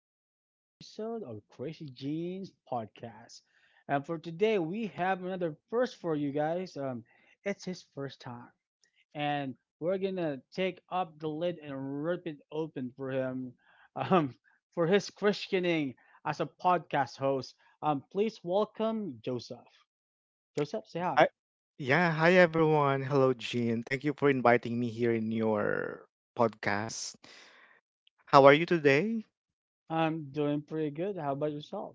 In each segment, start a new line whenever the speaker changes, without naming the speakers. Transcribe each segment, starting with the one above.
to another episode of Crazy Jeans Podcast. And for today, we have another first for you guys. It's his first time, and we're gonna take up the lid and rip it open for him, um, for his christening as a podcast host. Please welcome Joseph. Joseph, say hi.
I, yeah, hi everyone. Hello, Jean. Thank you for inviting me here in your podcast. How are you today?
I'm doing pretty good. How about yourself?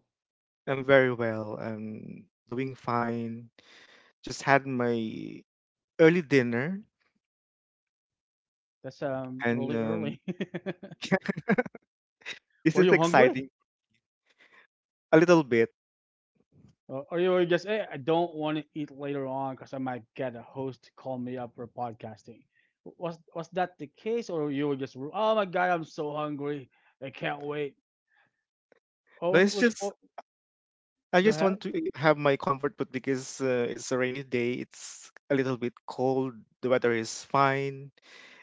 I'm very well. I'm doing fine. Just had my early dinner,
That's
and
really early.
this
Were
is
you hungry?
exciting a little bit.
Or you were just, hey, I don't want to eat later on because I might get a host to call me up for podcasting. Was that the case, or you were just, oh my god, I'm so hungry, I can't wait. Or
No,
was,
it's
which?
just
Oh,
I
go
just
ahead.
want to have my comfort put because it's a rainy day. It's a little bit cold. The weather is fine,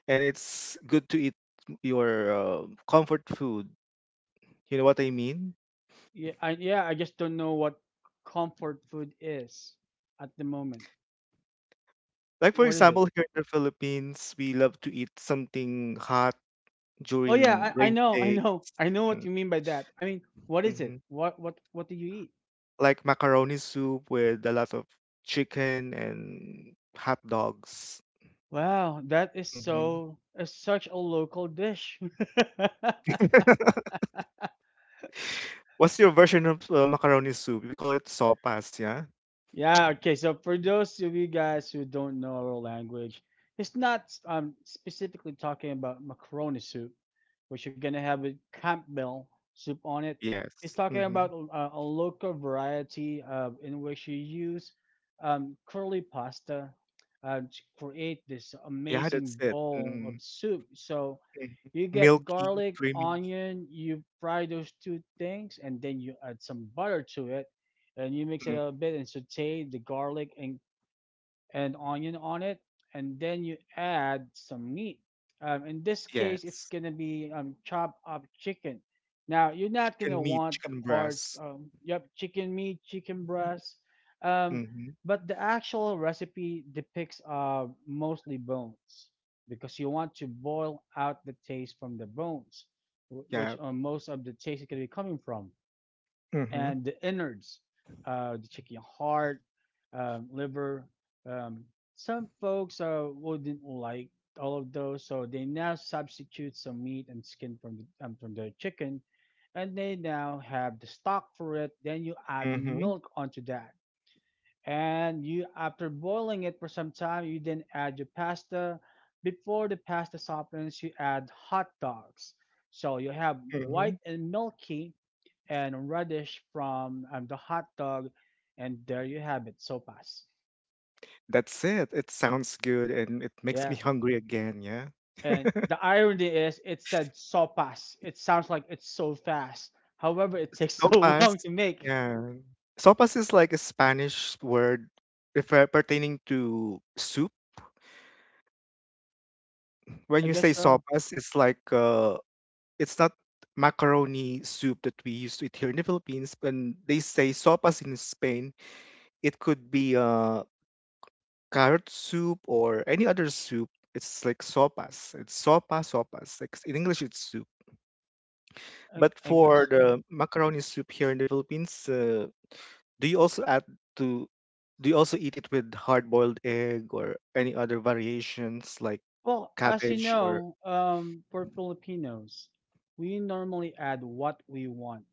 and it's good to eat your comfort food. You know what I mean?
Yeah, I just don't know what comfort food is at the moment.
Like for
What is it?
example, here in the Philippines, we love to eat something hot
Oh
during
yeah, I
rainy
know, I
day.
know, I know what
Mhm,
you mean by that. I mean, what is it?
mhm.
What do you eat?
Like macaroni soup with a lot of chicken and hot dogs.
Wow, that is
Hmm
such a local dish.
What's your version of macaroni soup? We call it sopas, yeah?
Yeah, okay. So for those of you guys who don't know our language, it's not specifically talking about macaroni soup, which you're gonna have with Campbell soup on it. It's
Yes.
talking
hmm
about a local variety of in which you use curly pasta to create this
Yeah, that's
amazing
it.
bowl
Hmm
of soup. So you get
Milky,
garlic,
creamy.
onion, you fry those two things, and then you add some butter to it and you mix it up a
Mm
bit and saute the garlic and onion on it and then you add some meat in this case it's
Yes.
going to be chopped up chicken now you're not going to
Chicken meat,
want the
chicken
parts
breast.
yep chicken meat chicken breast um,
Hmm
but the actual recipe depicts mostly bones because you want to boil out the taste from the bones wh- which
Yeah.
uh, most of the taste is going to be coming from
hmm
and the innards, the chicken heart, liver. Um, some folks wouldn't like all of those, so they now substitute some meat and skin from the chicken, and they now have the stock for it. Then you add
hmm
milk onto that, and you after boiling it for some time, you then add your pasta. Before the pasta softens, you add hot dogs. So you have
hmm
white and milky, and radish from the hot dog, and there you have it, sopas.
That's it. It sounds good and it makes me
Yeah,
hungry again, yeah.
and the irony is, it said sopas. It sounds like it's so fast. However, it takes so long
Sopas.
to make.
Yeah. Sopas is like a Spanish word refer pertaining to soup. When
I
you say
guess so.
sopas, it's like it's not macaroni soup that we used to eat here in the Philippines. When they say sopas in Spain, it could be carrot soup or any other soup. It's like sopas. It's sopa, sopas. Like in English, it's soup.
I,
But
I
for
guess so.
the macaroni soup here in the Philippines, do you also add to do you also eat it with hard-boiled egg or any other variations like
Well, as you
cabbage or
know, for Filipinos, we normally add what we want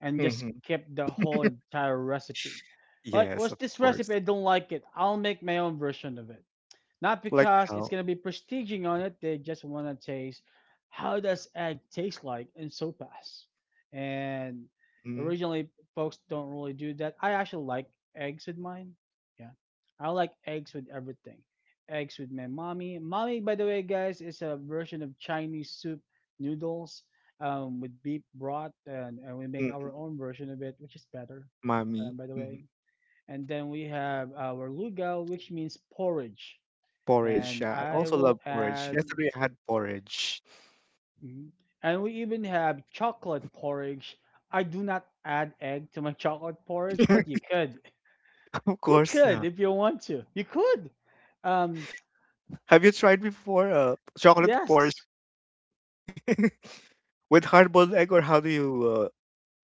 and just
Mhm.
skip the whole entire recipe. Like,
Yes,
what's
of
this
course.
recipe? I don't like it. I'll make my own version of it. Not
Like
because it's
how
gonna be prestiging on it. They just wanna taste how does egg taste like in sopas. And
mm,
originally, folks don't really do that. I actually like eggs with mine. Yeah, I like eggs with everything. Eggs with my mommy. Mommy, by the way, guys, is a version of Chinese soup noodles with beef broth, and we make
mhm,
our own version of it, which is better,
mommy
by the
mhm.
way. And then we have our lugal, which means porridge
Porridge.
and
Yeah, I
I
also love
will
porridge.
add,
Yesterday I had porridge.
mhm. And we even have chocolate porridge. I do not add egg to my chocolate porridge, but you could.
Of
You
course
could
not.
if you want to. You could. Um,
Have you tried before chocolate porridge
yes,
with hard-boiled egg or how do you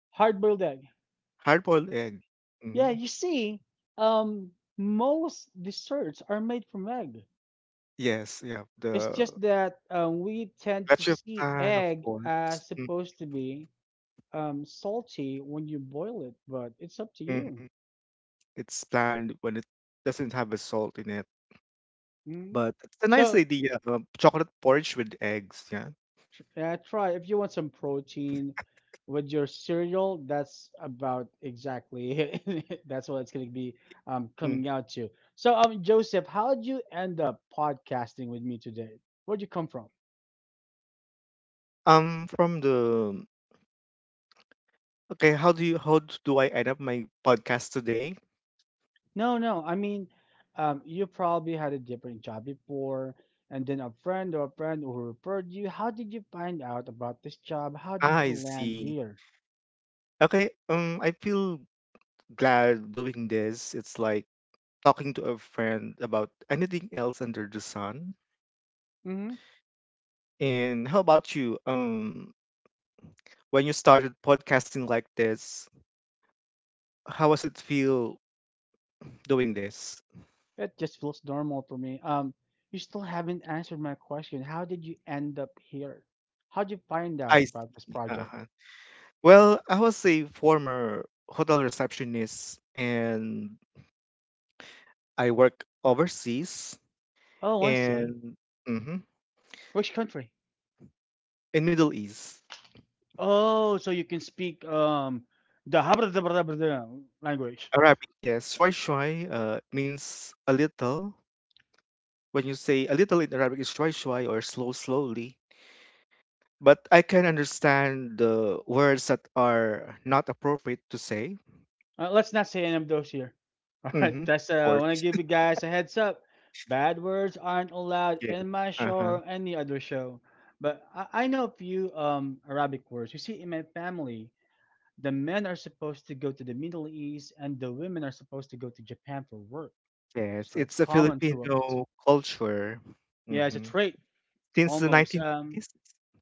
hard-boiled egg.
hard-boiled egg?
Yeah,
Hmm
you see, um, most desserts are made from egg.
Yes, yeah,
It's
the
just that we tend to
Gotcha
see
plan, of
egg
course.
as supposed to be salty when you boil it, but it's up to you.
Mhm. It's planned when it doesn't have a salt in it.
Mhm.
But it's a nice
So,
idea. Chocolate porridge with eggs. Yeah.
Yeah, try if you want some protein with your cereal. That's about exactly it. That's what it's going to be
Mm.
coming out to. So, Joseph, how did you end up podcasting with me today? Where'd you come from?
From the okay, how do you do I end up my podcast today?
No, no, I mean, you probably had a different job before, and then a friend or a friend who referred you. How did you find out about this job? How
Ah,
did you
I
land
see.
here?
Okay. I feel glad doing this. It's like talking to a friend about anything else under the sun. And how about you? When you started podcasting like this, how does it feel doing this.
It just feels normal for me. You still haven't answered my question. How did you end up here? How'd you find out
I
about this
see.
project?
Uh-huh. Well, I was a former hotel receptionist and I work overseas
Oh, I see.
and mhm,
Which country?
in Middle East.
Oh, so you can speak the language.
Arabic, yes. Shwai shwai means a little. When you say a little in Arabic, it's shwai shwai or slow slowly. But I can understand the words that are not appropriate to say.
Let's not say any of those here. All right,
Hmm
that's
Of
I want to
course,
give you guys a heads up. Bad words aren't allowed
yes.
in my show
Uh-huh.
or any other show. But I know a few Arabic words. You see, in my family, the men are supposed to go to the Middle East and the women are supposed to go to Japan for work.
Yes,
So it's
it's a
common to us.
Filipino culture.
Yeah, it's a
Mm-hmm.
trait
Since the
almost.
1980s,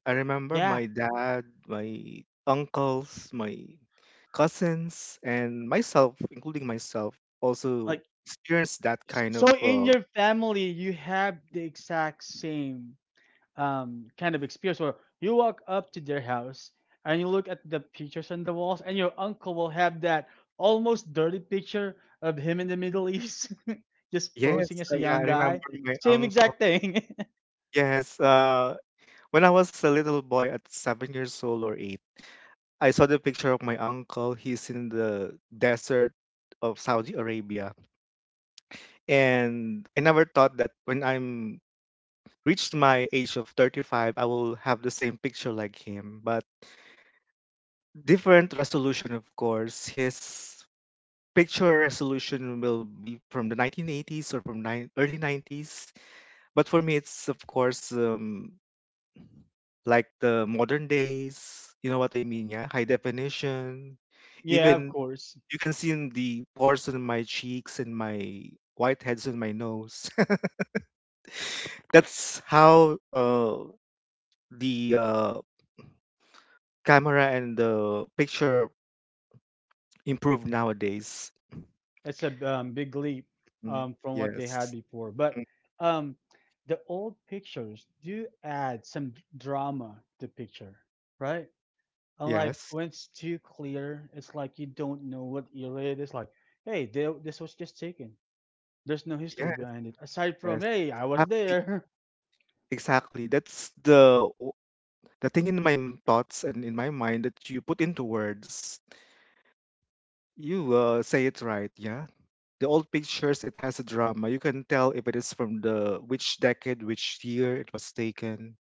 I remember
Yeah,
my dad, my uncles, my cousins, and myself, including myself, also
like
experienced that kind
so
of.
in your family you have the exact same kind of experience where you walk up to their house and you look at the pictures on the walls and your uncle will have that almost dirty picture of him in the Middle East just posing
Yes,
as a
yeah, I
young
remember
guy.
my
Same
uncle.
exact thing.
Yes, when I was a little boy at 7 years old or eight, I saw the picture of my uncle. He's in the desert of Saudi Arabia, and I never thought that when I'm reached my age of 35, I will have the same picture like him, but different resolution, of course. His picture resolution will be from the 1980s or from nine early 90s. But for me, it's, of course, like the modern days. You know what I mean? Yeah. High definition.
Yeah, of
Even
course.
you can see in the pores on my cheeks and my whiteheads on my nose. That's how the camera and the picture Improved nowadays.
It's a big leap
Mm,
from what they had
yes.
before. But
Mm,
um, the old pictures do add some drama to picture, right? Unlike
yes.
when it's too clear, it's like you don't know what era it is. Like, hey, they, this was just taken. There's no history behind it aside from
Yes.
hey, I was
Exactly.
there.
Exactly. The thing in thoughts and in my mind that you put into words. You say it right. Yeah. The old pictures, it has a drama. You can tell if it is from the which decade, which year it was taken.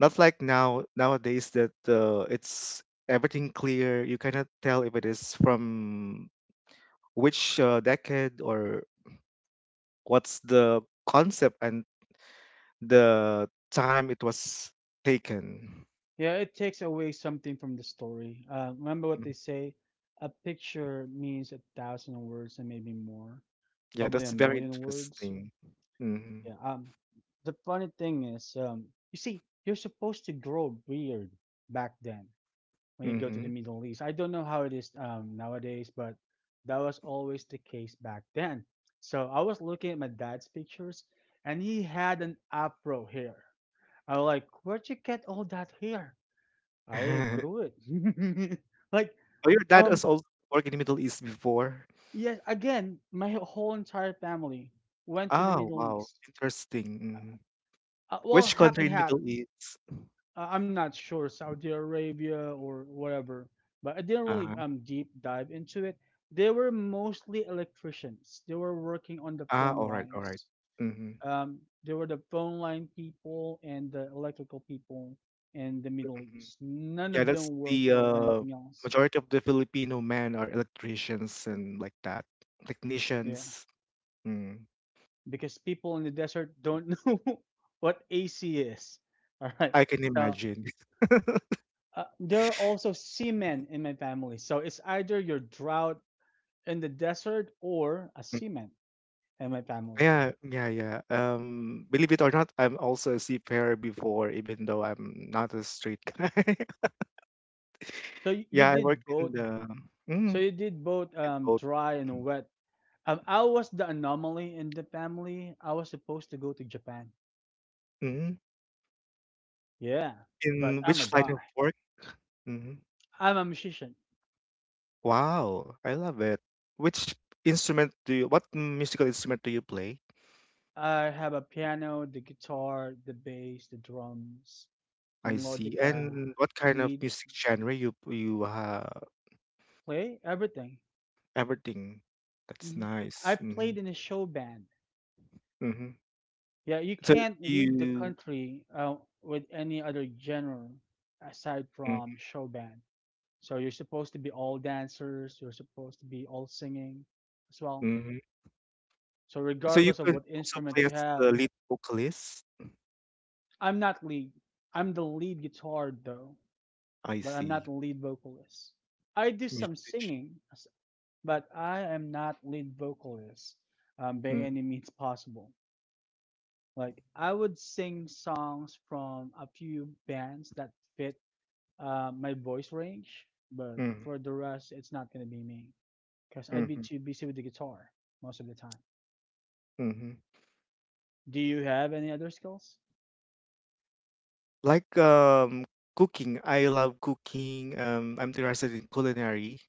Not like now nowadays that it's everything clear. You cannot tell if it is from which decade or what's the concept and the time it was taken.
Yeah, it takes away something from the story. Remember what
Mm.
they say: a picture means a thousand words and maybe more,
Yeah,
probably
that's
a
very
million words.
interesting. Mm-hmm.
Yeah. The funny thing is, you see, you're supposed to grow a beard back then when you go to the
Mm-hmm.
Middle East. I don't know how it is nowadays, but that was always the case back then. So I was looking at my dad's pictures, and he had an afro hair. I was like, "Where'd you get all that hair?" I
oh,
grew it. Like,
your dad
um,
has also worked in the Middle East before.
yes. Again, my whole entire family went to the
Oh,
Middle
wow.
East.
Interesting. Mhm.
Well,
Which
half
country
and
in
half.
Middle East?
I'm not sure Saudi Arabia or whatever, but I didn't really
Uh-huh.
deep dive into it. They were mostly electricians. They were working on the
Ah,
phone
all right, all right.
lines.
Mm-hmm.
They were the phone line people and the electrical people in the Middle East. None
Yeah,
of
that's
them work
the
for anything else.
majority of the Filipino men are electricians and like that,
Yeah,
technicians. Mm.
because people in the desert don't know what AC is. All right,
I can
so.
imagine.
There are also seamen in my family, so it's either your drought in the desert or a seaman and my family.
Yeah, yeah, yeah. Believe it or not, I'm also a seafarer before, even though I'm not a street guy.
So you
Yeah, I work
did both.
in the
So
mm,
you did both
in both.
dry and wet. I was the anomaly in the family. I was supposed to go to Japan.
Mm,
Yeah, but
in
I'm a
which line
guy.
of work? Hmm
I'm a musician.
Wow, I love it. Which instrument do you, what musical instrument do you play?
I have a piano, the guitar, the bass, the drums, the
I see.
melodica,
And what kind of
lead,
music genre you you
play, everything.
everything. That's
hmm I
nice. Mm-hmm.
played in a show band.
Mm-hmm.
Yeah, you
So
can't leave the
you
country with any other genre aside
mm,
from show band. So you're supposed to be all dancers, you're supposed to be all singing as well.
mm-hmm.
So
So you
regardless of
can
what
also
instrument
play
you
as
have,
the lead vocalist?
I'm not lead. I'm the lead guitar though,
I
but I'm not
see.
the lead vocalist. I do some
Musician.
singing, but I am not lead vocalist by
Mm-hmm.
any means possible. Like I would sing songs from a few bands that fit my voice range, but for the rest, it's not gonna be me because I'd be
Mm-hmm.
too busy with the guitar most of the time.
Mm-hmm.
Do you have any other skills?
Like cooking. I love cooking. I'm interested in culinary.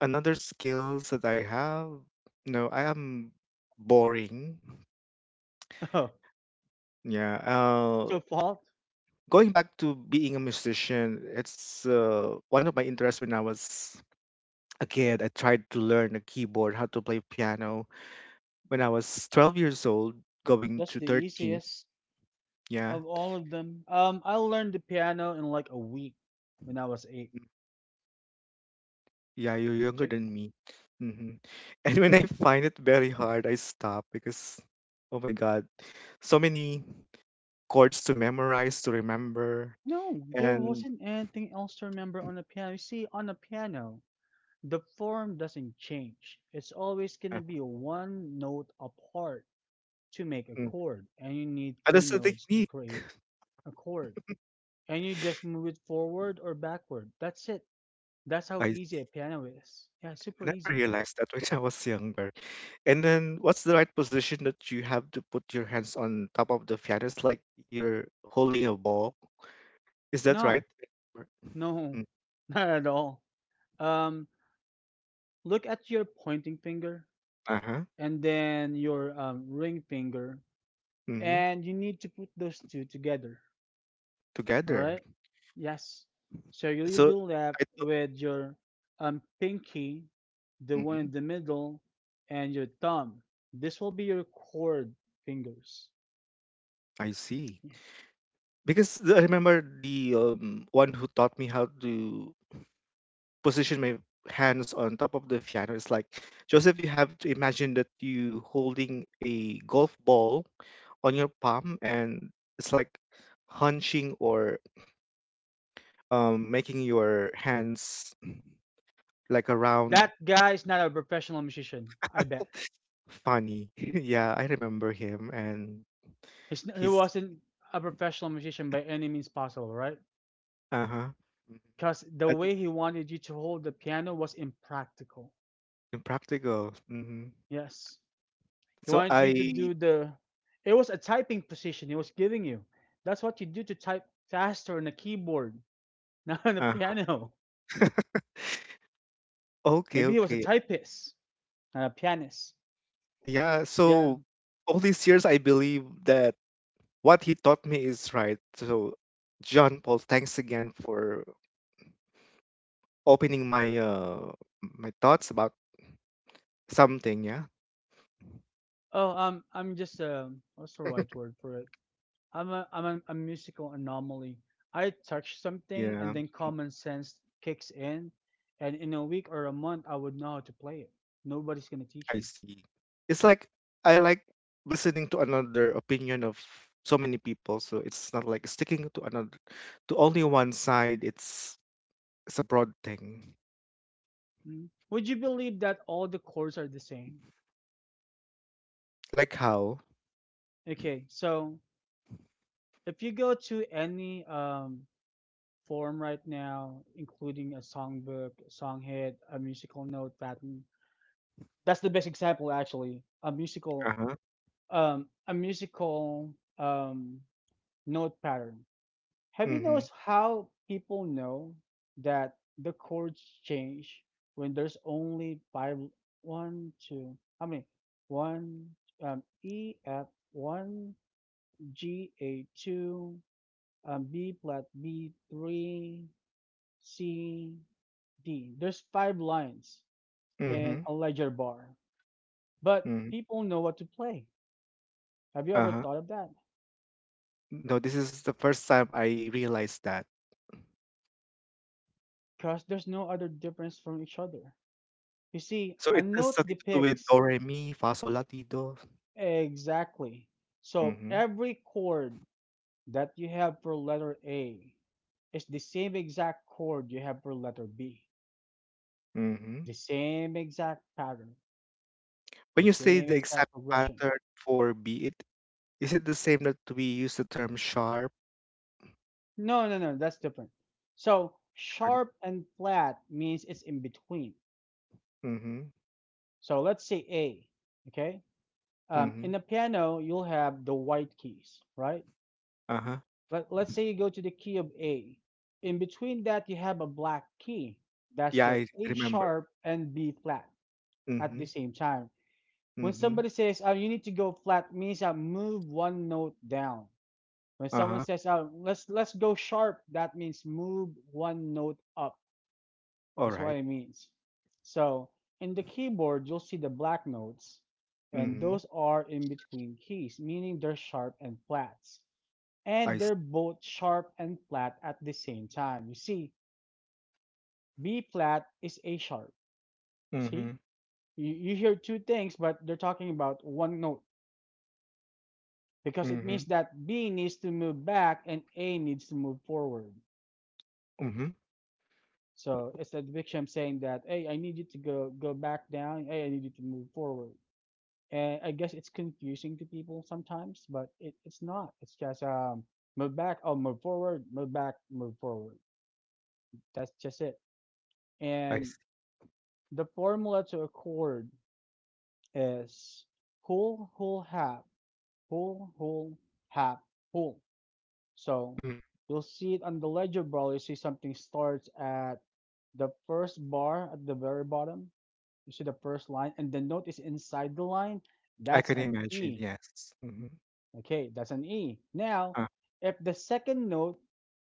Another skills that I have, no, I am boring.
Oh,
Yeah.
to fault.
Going back to being a musician, it's one of my interests when I was a kid. I tried to learn a keyboard, how to play piano. When I was 12 years old, going
That's
to
the
13.
easiest
Yeah,
of all of them. I learned the piano in like a week when I was eight.
yeah, you're younger
Check-
than me. Hmm And when I find it very hard, I stop because, oh my God, so many chords to memorize, to remember.
No, there
And
wasn't anything else to remember on the piano. You see, on the piano, the form doesn't change. It's always
uh,
gonna be one note apart to make a
mm,
chord, and you need three
that's a
notes to
technique.
create a chord and you just move it forward or backward. That's it. That's how
I
easy a piano is. Yeah,
I
super
never
easy.
realized that when I was younger. And then, what's the right position that you have to put your hands on top of the piano? It's like you're holding a ball. Is that right?
No,
Or-
no,
Mm,
not at all. Um, Look at your pointing finger
Uh-huh.
and then your ring finger,
Mm-hmm.
and you need to put those two together. All
Together.
right? Yes. So you'll
So
be left
I thought,
with your pinky, the one in
mhm,
the middle, and your thumb. This will be your chord fingers.
I see.
Yeah.
Because I remember the one who taught me how to position my hands on top of the piano is like, Joseph, you have to imagine that you holding a golf ball on your palm and it's like hunching or making your hands like around
That guy is not a professional musician. I bet
funny. yeah, I remember him and
he's, he
he's
wasn't a professional musician by any means possible, right?
uh-huh. Mhm.
Because the way he wanted you to hold the piano was impractical.
Impractical. Mm-hmm.
Yes, he
So
wanted you to
I
do the. It was a typing position he was giving you. That's what you do to type faster on a keyboard, not on a
uh,
piano.
okay,
Maybe he was a
okay.
typist, not a pianist.
Yeah,
Yeah.
so all these years I believe that what he taught me is right. So John Paul, thanks again for opening my my thoughts about something, yeah.
Oh, I'm just what's the right word for it? I'm a musical anomaly. I touch something and
Yeah,
then common sense kicks in, and in a week or a month I would know how to play it. Nobody's gonna teach
I
me.
see. It's like I like listening to another opinion of so many people, so it's not like sticking to another to only one side. It's a broad thing.
Mm. Would you believe that all the chords are the same?
Like how?
Okay, so if you go to any form right now, including a songbook, song hit, a musical note pattern, that's the best example actually.
Uh-huh.
A musical um note pattern. Have you
Mm-hmm.
noticed how people know that the chords change when there's only five, one, two, how many? One, E, F, one, G, A, two, B flat, B, three, C, D. There's five lines
Mm-hmm.
in a ledger bar, but
Mm-hmm.
people know what to play. Have you ever
Uh-huh.
thought of that?
No, this is the first time I realized that.
Because there's no other difference from each other. You see,
So
a
it has
note
something to do with
depicts.
do, re, mi, fa, sol, la, ti, do.
Exactly. So
Hmm
every chord that you have for letter A is the same exact chord you have for letter B.
hmm
The same exact pattern,
When
the
you say
same
the
exact
exact
progression.
pattern for beat, is it the same that we use the term sharp?
No, no, no, that's different. So
Different.
sharp and flat means it's in between.
Mm-hmm.
So let's say A, okay? In
Mm-hmm.
the piano, you'll have the white keys, right?
Uh-huh.
Let's say you go to the key of A. In between that, you have a black key. That's
Yeah,
your
I
A
remember.
sharp and B flat at the
Mm-hmm.
same time. When
Mm-hmm.
somebody says, oh, you need to go flat, means I move one note down. When someone
Uh-huh.
says, oh, let's go sharp, that means move one note up,
All
is what
right.
it means. So in the keyboard, you'll see the black notes, and
Mm-hmm.
those are in between keys, meaning they're sharp and flats and
I see.
they're both sharp and flat at the same time. You see, B flat is A sharp. See,
Mm-hmm.
you hear two things, but they're talking about one note because it means
Mm-hmm.
that B needs to move back and A needs to move forward.
Mm-hmm.
So it's the victim saying that, hey, I need you to go go back down. Hey, I need you to move forward. And I guess it's confusing to people sometimes, but it's not. It's just move back, oh, move forward, move back, move forward. That's just it.
I
And
see.
the formula to a chord is whole, whole, half, whole, whole, half, whole. So
Mm.
you'll see it on the legible. You see something starts at the first bar at the very bottom. You see the first line, and the note is inside the line.
I
That's
can
an
imagine.
E.
Yes. Mm-hmm.
Okay, that's an E. Now,
Uh,
if the second note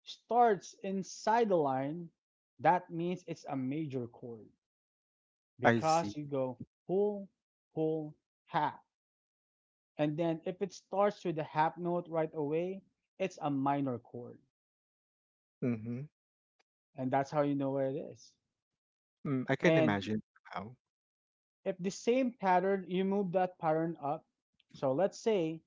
starts inside the line, that means it's a major chord,
I see.
because you go whole, whole, half. And then if it starts with the half note right away, it's a minor chord.
Mm-hmm.
And that's how you know what it is.
Mm, I can
And
imagine how.
if the same pattern, you move that pattern up. So let's say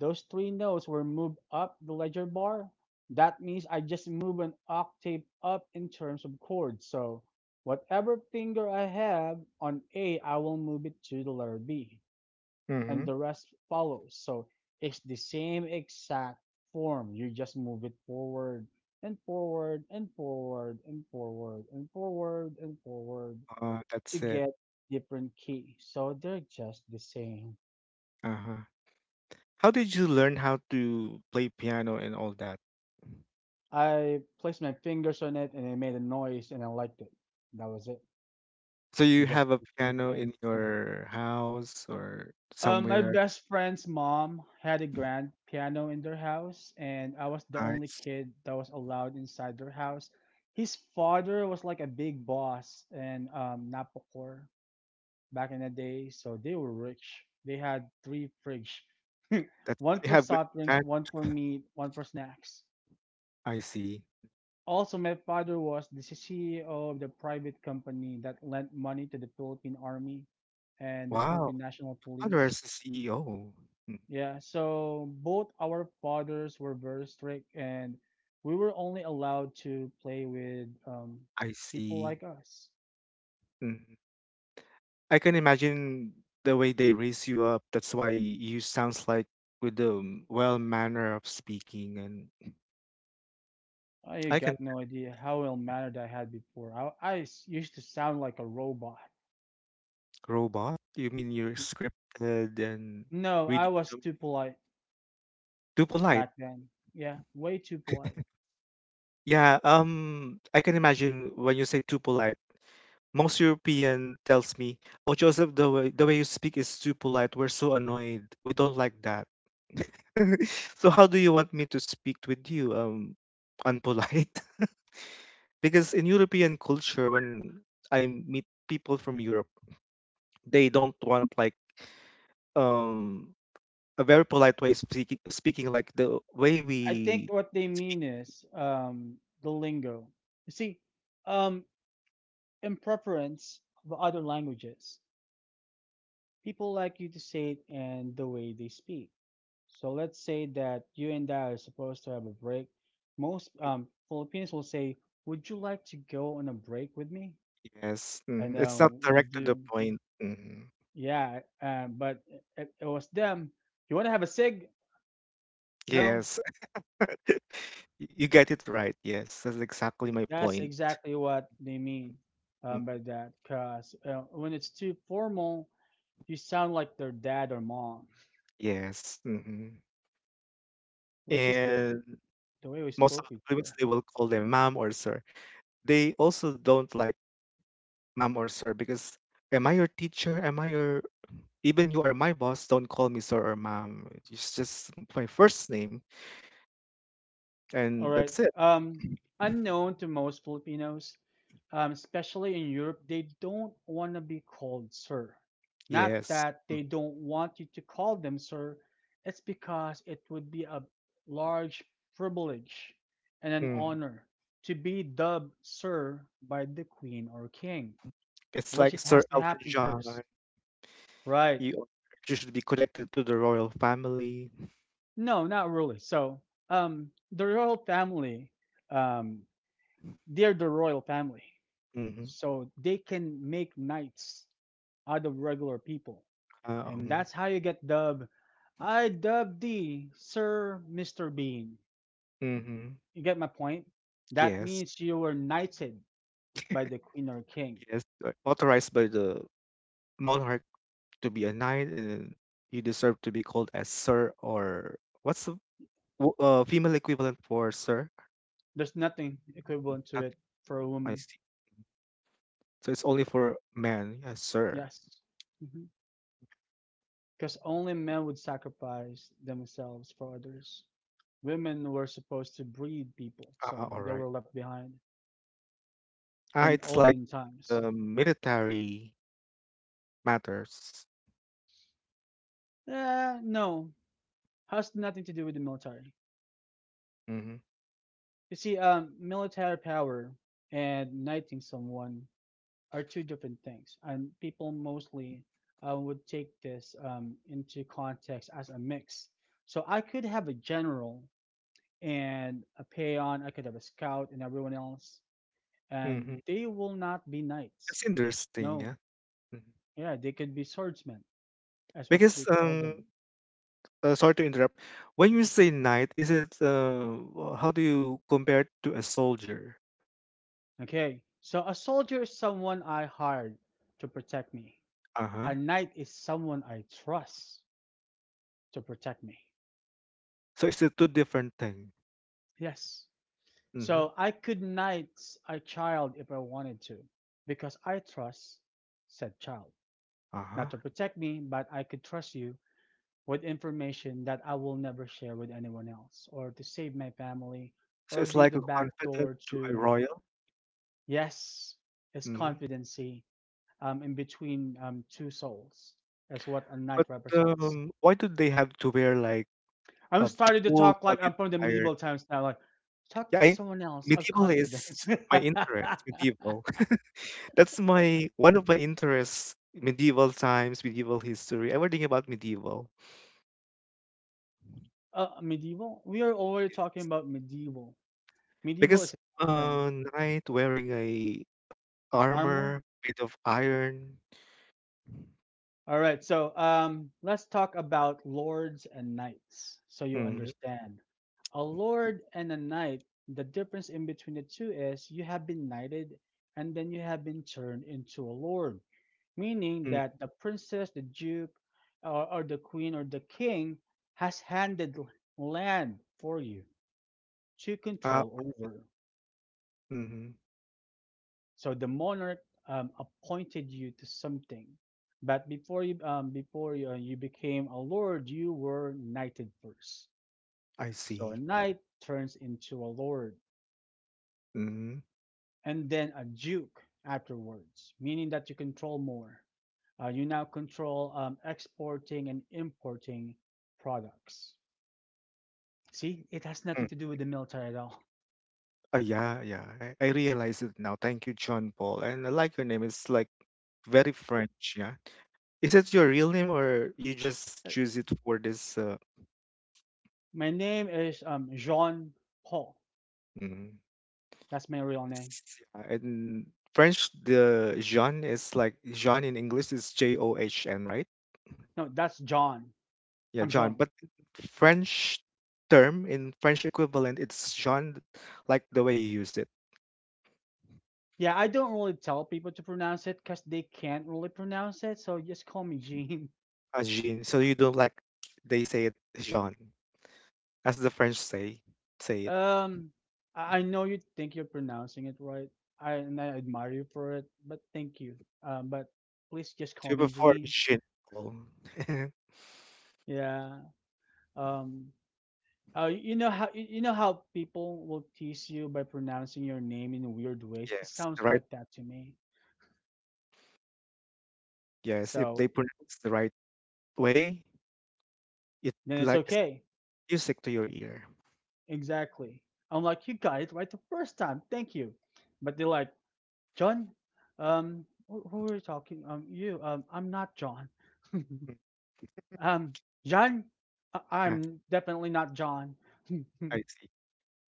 those three notes were moved up the ledger bar. That means I just move an octave up in terms of chords. So whatever finger I have on A, I will move it to the letter B, and
Mm-hmm.
the rest follows. So it's the same exact form. You just move it forward and forward and forward and forward and forward and forward to
That's it.
get different keys. So they're just the same.
Uh-huh. How did you learn how to play piano and all that?
I placed my fingers on it and it made a noise and I liked it. That was it.
So
And
you
just
have a
continue
piano
playing.
in your house or
My
somewhere
best friend's mom had a grand piano in their house, and I was the only
nice
kid that was allowed inside their house. His father was like a big boss and Napocor back in the day, so they were rich. They had three fridge,
that
one
you
for
have like
soft drinks,
that?
one for meat, one for snacks.
I see.
Also, my father was the CEO of the private company that lent money to the Philippine Army and the
Wow.
Philippine National
Father
Police.
is a CEO. Mm,
Yeah, so both our fathers were very strict, and we were only allowed to play with
I
people
see.
like us.
Mhm. I can imagine the way they raise you up. That's why you sounds like with the well manner of speaking and
I
I can
got no idea how ill mannered I had before. Used to sound like a robot.
robot. You mean you're
Y-
scripted and
No, I
reading
was
them
too polite
too polite.
back then. Yeah, way too polite.
Yeah, I can imagine when you say too polite. Most European tells me, "Oh, Joseph, the way you speak is too polite. We're so annoyed. We don't like that." So how do you want me to speak with you? Unpolite? Because in European culture, when I meet people from Europe, they don't want like um a very polite way speaking speaking like the way
I think
we
what they mean is the lingo. You see, um, in preference of other languages, people like you to say it and the way they speak. So let's say that you and I are supposed to have a break. Most Filipinos will say, "Would you like to go on a break with me?"
yes,
And
mhm, It's not
we'll
direct to the
do,
point. Mhm.
yeah. But it was them. You want to have a cig? No,
Yes. Y- You get it right. Yes, that's exactly my
that's
point.
exactly what they mean
Mm,
by that. Cause when it's too formal, you sound like their dad or mom,
Yes. hmm
which is the
And
the way we
most of
spoke
the Filipinos,
before.
they will call them ma'am or sir. They also don't like ma'am or sir because am I your teacher? Am I your even you are my boss? Don't call me sir or ma'am. It's just my first name,
All
and
right.
that's it.
Um, unknown to most Filipinos, especially in Europe, they don't want to be called sir. Not
Yes.
that they don't want you to call them sir, it's because it would be a large privilege and an
Mm.
honor to be dubbed sir by the queen or king,
It's
which
like
it
Sir
has to
Elton
happen first.
John.
Right.
You, you should be connected to the royal family.
No, not really. So, the royal family, um, they're the royal family,
Mm-hmm.
so they can make knights out of regular people, and
Mm-hmm.
that's how you get dubbed. I dub thee Sir Mr. Bean.
Mm-hmm.
You get my point, that
Yes.
means you were knighted by the queen or king.
Yes, authorized by the monarch to be a knight, and you deserve to be called as sir or what's the female equivalent for sir?
There's nothing equivalent to
Not-
it for a
I
woman.
see. So it's only for men. Yes, sir.
Yes, because mm-hmm, only men would sacrifice themselves for others. Women were supposed to breed people
Ah,
so
all
they
right.
were left behind
Ah,
in
it's like
olden times.
the military matters.
No, has nothing to do with the military.
Mm-hmm.
You see, military power and knighting someone are two different things, and people mostly would take this into context as a mix. So I could have a general and a peon, I could have a scout and everyone else, and
Mm-hmm.
they will not be knights.
It's interesting,
No,
yeah. Mhm.
yeah, they could be swordsmen. That's what
Because
they call them.
sorry to interrupt. When you say knight, is it how do you compare it to a soldier?
Okay, so a soldier is someone I hired to protect me.
Uh huh.
A knight is someone I trust to protect me.
So is it two different things?
Yes.
Mhm.
So I could knight a child if I wanted to, because I trust said child. Not
Uh-huh.
to protect me, but I could trust you with information that I will never share with anyone else, or to save my family,
So
or
it's
be
like
the
a
back
confidant
door
to a
to,
royal.
yes, is
Mhm.
confidency in between two souls, is what a knight
But,
represents.
why do they have to wear, like,
I'm
a
starting to
full
talk like
body
I'm from the
attire?
medieval times now. Like, talk
Yeah,
to
I
someone else of
medieval
confidence.
is my interest, medieval. That's my one of my interests, medieval times, medieval history, everything about medieval.
Medieval? We are already talking about medieval. Medieval is
Because
a time frame.
knight wearing a
Armor?
armor made of iron
All right. So let's talk about lords and knights so you
Mhm.
understand. A lord and a knight, the difference in between the two is you have been knighted and then you have been turned into a lord, meaning
Mm,
that the princess, the duke, or the queen or the king has handed land for you to
ah
control over.
Mhm.
So the monarch appointed you to something, but before you you became a lord, you were knighted first.
I
So a
see.
knight turns into a lord,
Mhm.
and then a duke afterwards, meaning that you control more. You now control exporting and importing products. See, it has nothing to do with the military at all.
Yeah, yeah. I realize it now. Thank you, John Paul. And I like your name. It's like very French, yeah. Is it your real name or you just
Uh,
choose it for this
My name is Jean Paul.
mm,
That's my real name.
yeah, in French the Jean is like Jean in English is John, right?
No, that's John.
Yeah,
I'm
John.
Jean.
But French term in French equivalent, it's Jean like the way you use it.
Yeah, I don't really tell people to pronounce it because they can't really pronounce it. So just call me Jean.
As Jean. So you don't like they say it Jean, as the French say it.
Um, I know you think you're pronouncing it right. I admire you for it, but thank you. But please just call
Do
me
before
Jean.
shin roll.
Yeah. Um, oh, you know how people will tease you by pronouncing your name in weird ways? It
Yes,
sounds
the right.
like that to me.
Yes, if
So
they pronounce the right way, it
then it's
like it's
okay.
music to your ear.
Exactly. I'm like, you got it right the first time. Thank you. But they're like, John, who are you talking? I'm not John.
Mm,
um, John,
ah,
I'm definitely not John.
I see.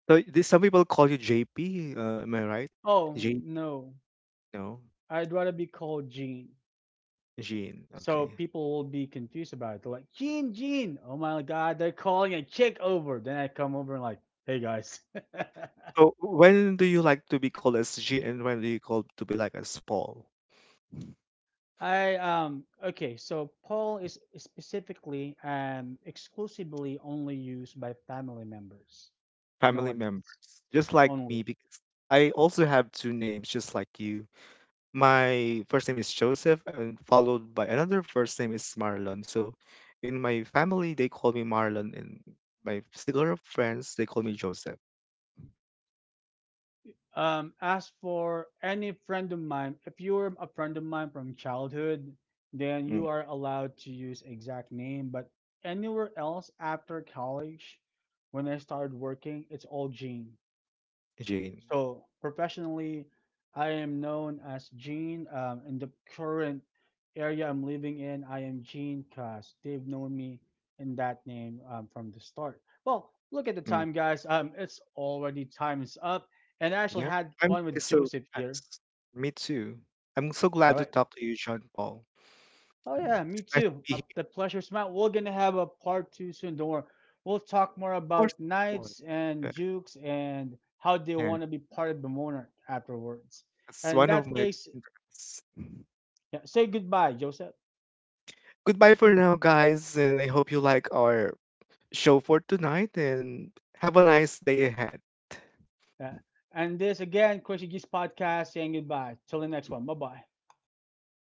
So this, some people call you JP. Am I right?
Oh
Jean?
no,
No,
I'd rather be called Gene.
Jean.
So
Okay.
people will be confused about it. They're like, Gene, Gene, oh my god, they're calling a chick over. Then I come over and like, hey guys.
So when do you like to be called as Jean, and when do you call to be like as Paul?
I okay, so Paul is specifically and exclusively only used by family members. No
Family
one else.
members, just like me,
Only.
because I also have two names, just like you. My first name is Joseph, and followed by another first name is Marlon. So, in my family, they call me Marlon, and my circle of friends, they call me Joseph.
As for any friend of mine, if you're a friend of mine from childhood, then
Mm,
you are allowed to use exact name. But anywhere else after college, when I started working, it's all Gene.
Jane.
So professionally, I am known as Gene. In the current area I'm living in, I am Gene Cast. They've known me in that name from the start. Well, look at the
Mm,
time, guys. It's already time is up, and I actually
yeah,
had
I'm
fun
really
with
so.
Joseph here.
Me too. I'm so
All
glad to
right.
talk to you, John Paul.
Oh yeah, me
Nice to
too.
be here.
The pleasure's mine. We're gonna have a part two soon. Don't worry. We'll talk more
Of course,
about
of course.
knights and
Uh,
dukes and how they
Yeah,
want to be part of the monarch afterwards.
that's
And in
one of
that
my
case,
interests.
yeah, say goodbye, Joseph.
Goodbye for now, guys, and I hope you like our show for tonight and have a nice day ahead.
Yeah. And this again, Crazy Geeks Podcast saying goodbye. Till the next one. Bye bye.
Bye bye.